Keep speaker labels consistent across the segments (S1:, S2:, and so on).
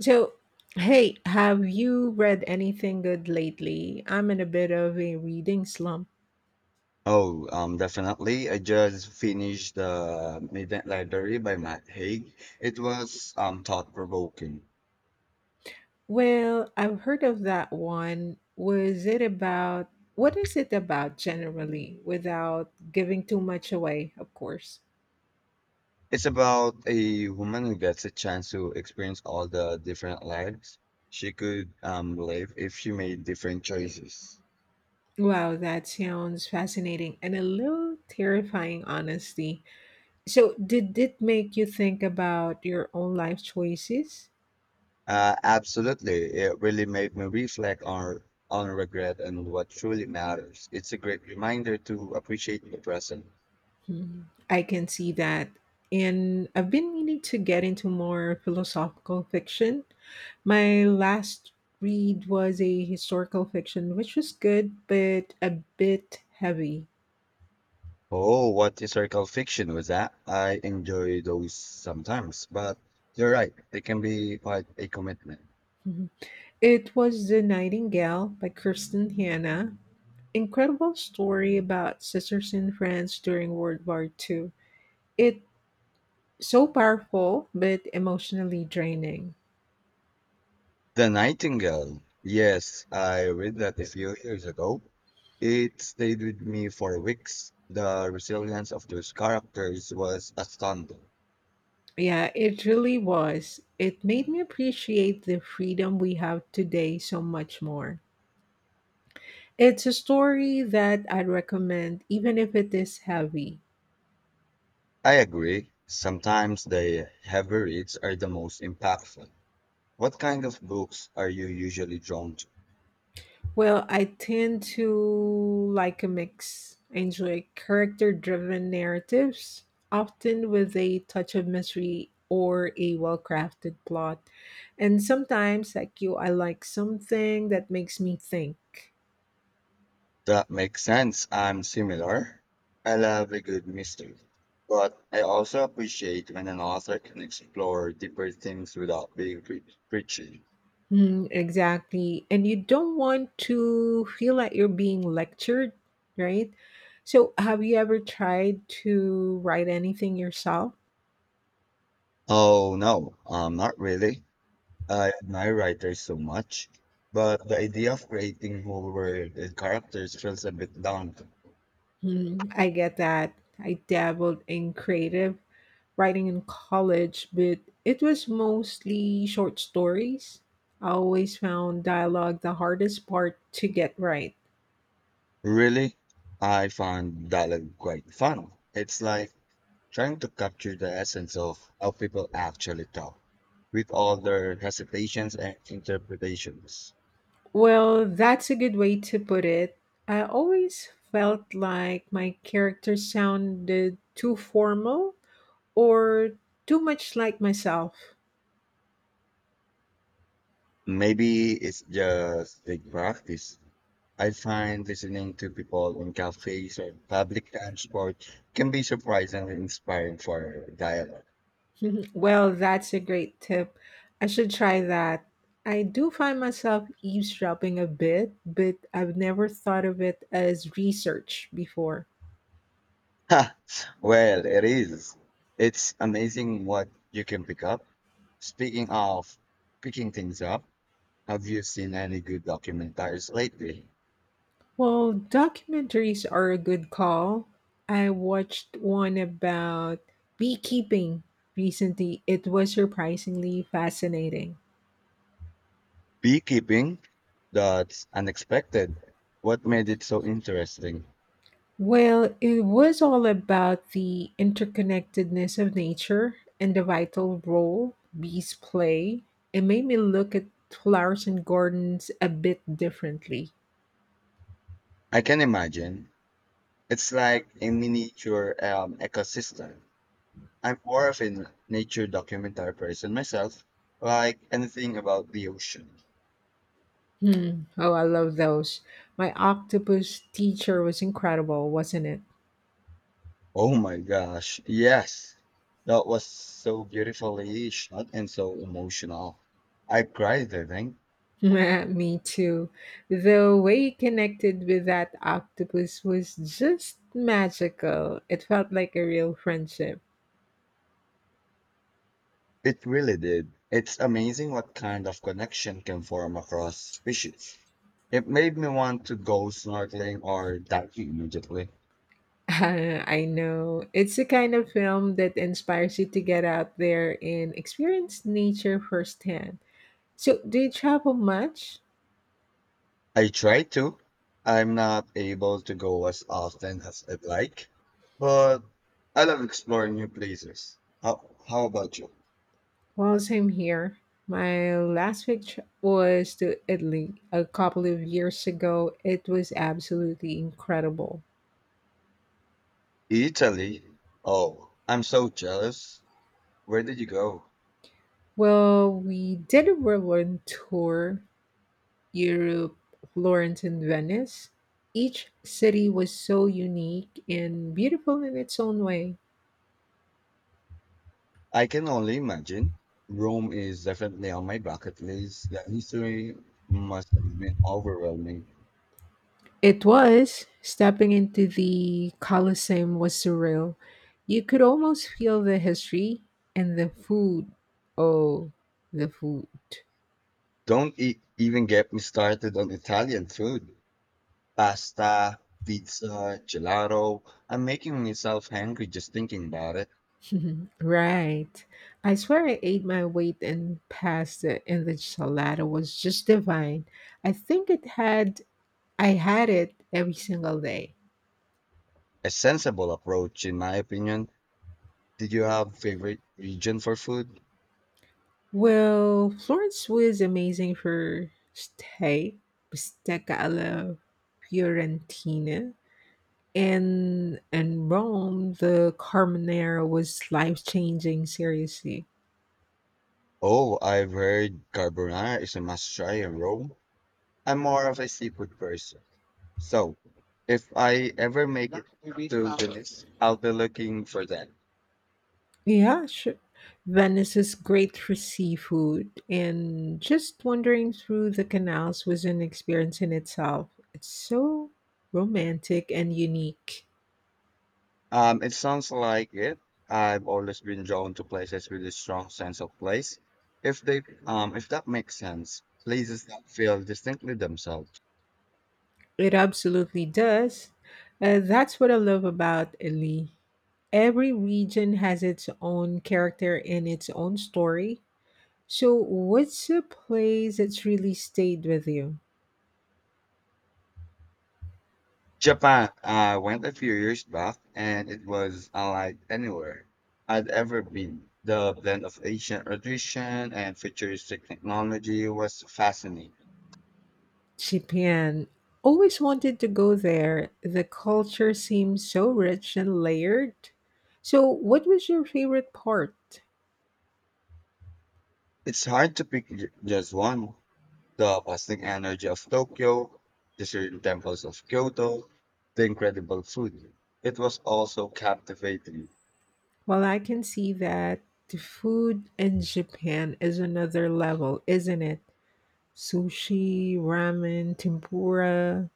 S1: So, hey, have you read anything good lately? I'm in a bit of a reading slump.
S2: Oh, definitely. I just finished The Midnight Library by Matt Haig. It was thought-provoking.
S1: Well, I've heard of that one. Was it about what is it about generally without giving too much away, of course?
S2: It's about a woman who gets a chance to experience all the different lives she could live if she made different choices.
S1: Wow, that sounds fascinating and a little terrifying, honestly. So, did it make you think about your own life choices?
S2: Absolutely. It really made me reflect on regret and what truly matters. It's a great reminder to appreciate the present.
S1: Mm, I can see that. And I've been meaning to get into more philosophical fiction. My last read was a historical fiction, which was good, but a bit heavy.
S2: Oh, what historical fiction was that? I enjoy those sometimes, but you're right, they can be quite a commitment.
S1: Mhm. It was The Nightingale by Kirsten Hanna. Incredible story about sisters in France during World War II. It's so powerful, but emotionally draining.
S2: The Nightingale. Yes, I read that a few years ago. It stayed with me for weeks. The resilience of those characters was astounding.
S1: Yeah, it really was. It made me appreciate the freedom we have today so much more. It's a story that I'd recommend, even if it is heavy.
S2: I agree. Sometimes the heavy reads are the most impactful. What kind of books are you usually drawn to?
S1: Well, I tend to like a mix. I enjoy character driven narratives, often with a touch of mystery or a well crafted plot. And sometimes, like you, I like something that makes me think.
S2: That makes sense. I'm similar. I love a good mystery, but I also appreciate when an author can explore deeper things without being preachy.
S1: Mm, exactly. And you don't want to feel like you're being lectured, right? So, have you ever tried to write anything yourself?
S2: Oh no, not really. I admire writers so much, but the idea of creating whole world and characters feels a bit daunting.
S1: Mm, I get that. I dabbled in creative writing in college, but it was mostly short stories. I always found dialogue the hardest part to get right.
S2: Really, I find dialogue quite fun. It's like trying to capture the essence of how people actually talk with all their hesitations and interpretations.
S1: Well, that's a good way to put it. I always felt like my character sounded too formal or too much like myself.
S2: Maybe it's just big practice. I find listening to people in cafes or public transport can be surprisingly inspiring for dialogue.
S1: Well, that's a great tip. I should try that. I do find myself eavesdropping a bit, but I've never thought of it as research before.
S2: Ha! Well, it is. It's amazing what you can pick up. Speaking of picking things up, have you seen any good documentaries lately?
S1: Well, documentaries are a good call. I watched one about beekeeping recently. It was surprisingly fascinating.
S2: Beekeeping? That's unexpected. What made it so interesting?
S1: Well, it was all about the interconnectedness of nature and the vital role bees play. It made me look at flowers and gardens a bit differently.
S2: I can imagine. It's like a miniature ecosystem. I'm more of a nature documentary person myself, like anything about the ocean.
S1: Hmm. Oh, I love those. My Octopus Teacher was incredible, wasn't it?
S2: Oh my gosh, yes. That was so beautifully shot and so emotional. I cried, I think.
S1: Me too. The way you connected with that octopus was just magical. It felt like a real friendship.
S2: It really did. It's amazing what kind of connection can form across species. It made me want to go snorkeling or diving immediately.
S1: I know. It's the kind of film that inspires you to get out there and experience nature firsthand. So, do you travel much?
S2: I try to. I'm not able to go as often as I'd like, but I love exploring new places. How about you?
S1: Well, same here. My last trip was to Italy a couple of years ago. It was absolutely incredible.
S2: Italy? Oh, I'm so jealous. Where did you go?
S1: Well, we did a world tour Europe, Florence, and Venice. Each city was so unique and beautiful in its own way.
S2: I can only imagine. Rome is definitely on my bucket list. The history must have been overwhelming.
S1: It was. Stepping into the Colosseum was surreal. You could almost feel the history and the food. Oh, the food.
S2: Don't e even get me started on Italian food. Pasta, pizza, gelato. I'm making myself hungry just thinking about it.
S1: Right. I swear I ate my weight in pasta and the salad was just divine. I think it had I had it every single day.
S2: A sensible approach, in my opinion. Did you have favorite region for food?
S1: Well, Florence was amazing for steak, bistecca alla Fiorentina, and Rome, the carbonara was life changing. Seriously,
S2: Oh, I've heard carbonara is a must try in Rome. I'm more of a seafood person. So if I ever make it to the list, I'll be looking for that.
S1: yeah, sure. Venice is great for seafood, and just wandering through the canals was an experience in itself. It's so romantic and unique.
S2: It sounds like it. I've always been drawn to places with a strong sense of place. If that makes sense, places that feel distinctly themselves.
S1: It absolutely does. That's what I love about Italy. Every region has its own character and its own story. So, what's a place that's really stayed with you?
S2: Japan, I went a few years back, and it was unlike anywhere I'd ever been. The blend of ancient tradition and futuristic technology was fascinating.
S1: Japan. Always wanted to go there. The culture seems so rich and layered. So, what was your favorite part?
S2: It's hard to pick just one. The bustling energy of Tokyo, the serene temples of Kyoto, the incredible food. It was also captivating.
S1: Well, I can see that the food in Japan is another level, isn't it? Sushi, ramen, tempura.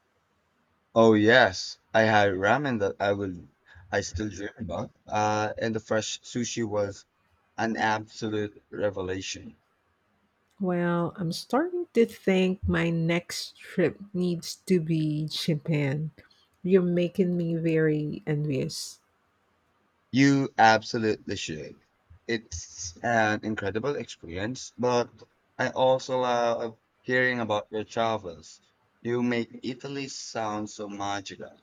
S2: Oh yes, I had ramen that I still dream about. And the fresh sushi was an absolute revelation.
S1: Well, I'm starting to think my next trip needs to be Japan. You're making me very envious.
S2: You absolutely should. It's an incredible experience, but I also love hearing about your travels. You make Italy sound so magical.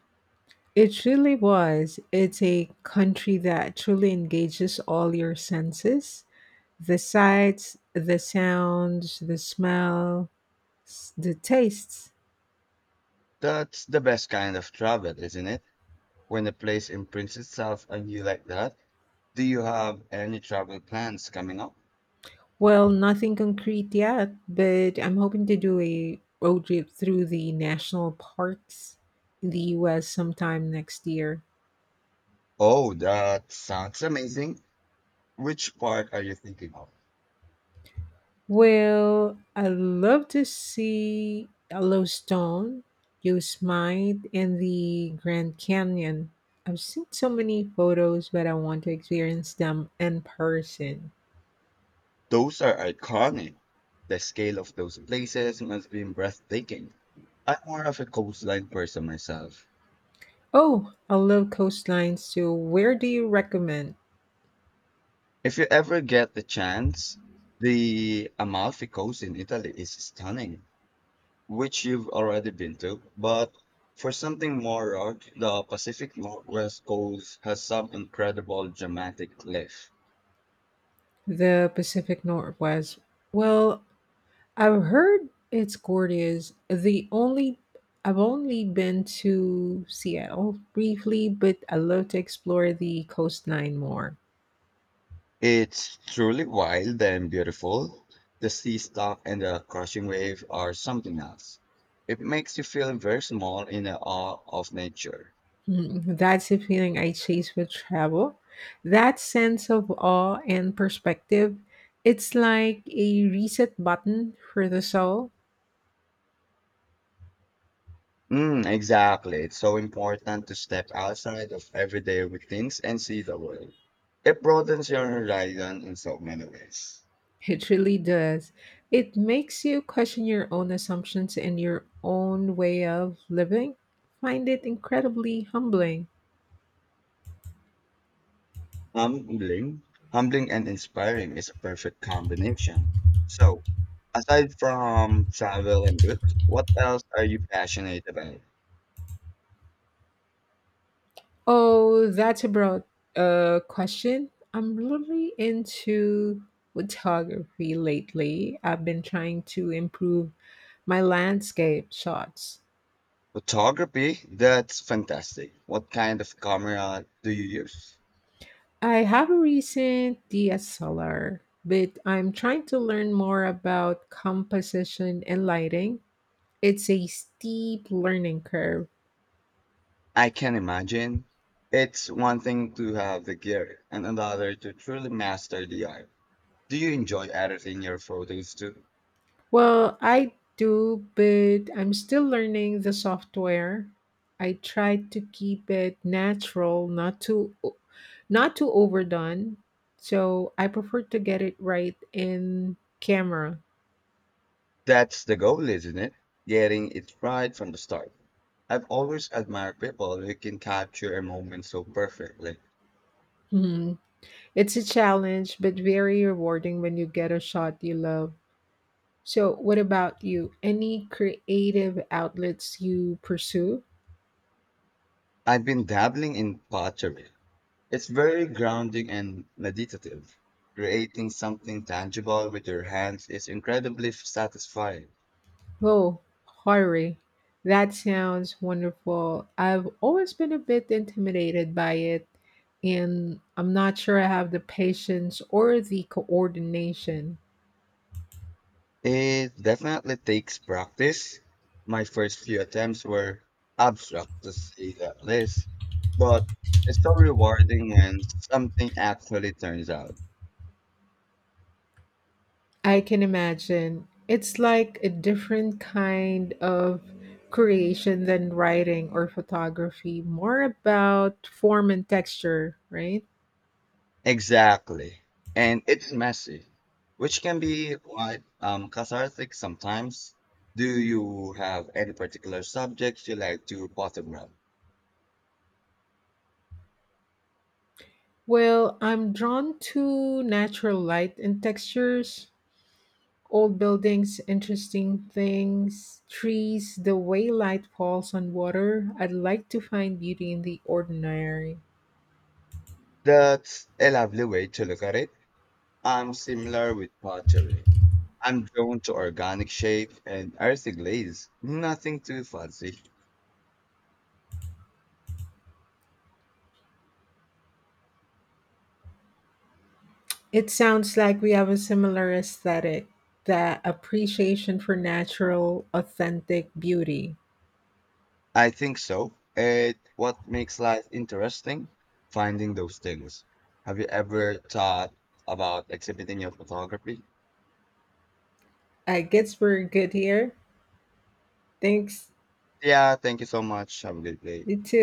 S1: It really was. It's a country that truly engages all your senses, the sights, the sounds, the smell, the tastes.
S2: That's the best kind of travel, isn't it? When a place imprints itself on you like that. Do you have any travel plans coming up?
S1: Well, nothing concrete yet, but I'm hoping to do a road trip through the national parks in the US sometime next year.
S2: Oh, that sounds amazing. Which part are you thinking of?
S1: Well, I love to see Yellowstone, Yosemite, and the Grand Canyon. I've seen so many photos, but I want to experience them in person.
S2: Those are iconic. The scale of those places must be breathtaking. I'm more of a coastline person myself.
S1: Oh, I love coastlines too. Where do you recommend?
S2: If you ever get the chance, the Amalfi Coast in Italy is stunning, which you've already been to, but for something more rugged, the Pacific Northwest coast has some incredible dramatic cliff.
S1: The Pacific Northwest. Well, I've heard it's gorgeous. The only I've only been to Seattle briefly, but I love to explore the coastline more.
S2: It's truly wild and beautiful. The sea stock and the crushing wave are something else. It makes you feel very small in the awe of nature.
S1: Mm, that's the feeling I chase with travel. That sense of awe and perspective. It's like a reset button for the soul.
S2: Mm, exactly. It's so important to step outside of everyday routines and see the world. It broadens your horizon in so many ways.
S1: It really does. It makes you question your own assumptions and your own way of living. Find it incredibly humbling.
S2: Humbling, humbling and inspiring is a perfect combination. So, aside from travel and books, what else are you passionate about?
S1: Oh, that's a broad question. I'm really into photography lately. I've been trying to improve my landscape shots.
S2: Photography? That's fantastic. What kind of camera do you use?
S1: I have a recent DSLR, but I'm trying to learn more about composition and lighting. It's a steep learning curve.
S2: I can imagine. It's one thing to have the gear and another to truly master the art. Do you enjoy editing your photos too?
S1: Well, I do, but I'm still learning the software. I try to keep it natural, not too overdone. So I prefer to get it right in camera.
S2: That's the goal, isn't it? Getting it right from the start. I've always admired people who can capture a moment so perfectly.
S1: Mhm. It's a challenge, but very rewarding when you get a shot you love. So, what about you? Any creative outlets you pursue?
S2: I've been dabbling in pottery. It's very grounding and meditative. Creating something tangible with your hands is incredibly satisfying.
S1: Oh, pottery. That sounds wonderful. I've always been a bit intimidated by it, and I'm not sure I have the patience or the coordination.
S2: It definitely takes practice. My first few attempts were abstract to say the least, but it's so rewarding when something actually turns out.
S1: I can imagine. It's like a different kind of creation than writing or photography, more about form and texture, right?
S2: Exactly. And it's messy, which can be quite cathartic sometimes. Do you have any particular subjects you like to bottom up?
S1: Well, I'm drawn to natural light and textures, old buildings, interesting things, trees, the way light falls on water. I'd like to find beauty in the ordinary.
S2: That's a lovely way to look at it. I'm similar with pottery. I'm drawn to organic shape and earthy glaze. Nothing too fancy.
S1: It sounds like we have a similar aesthetic, that appreciation for natural, authentic beauty.
S2: I think so. It what makes life interesting, finding those things. Have you ever thought about exhibiting your photography?
S1: I guess we're good here. Thanks.
S2: Yeah, thank you so much. Have a good day.
S1: You too.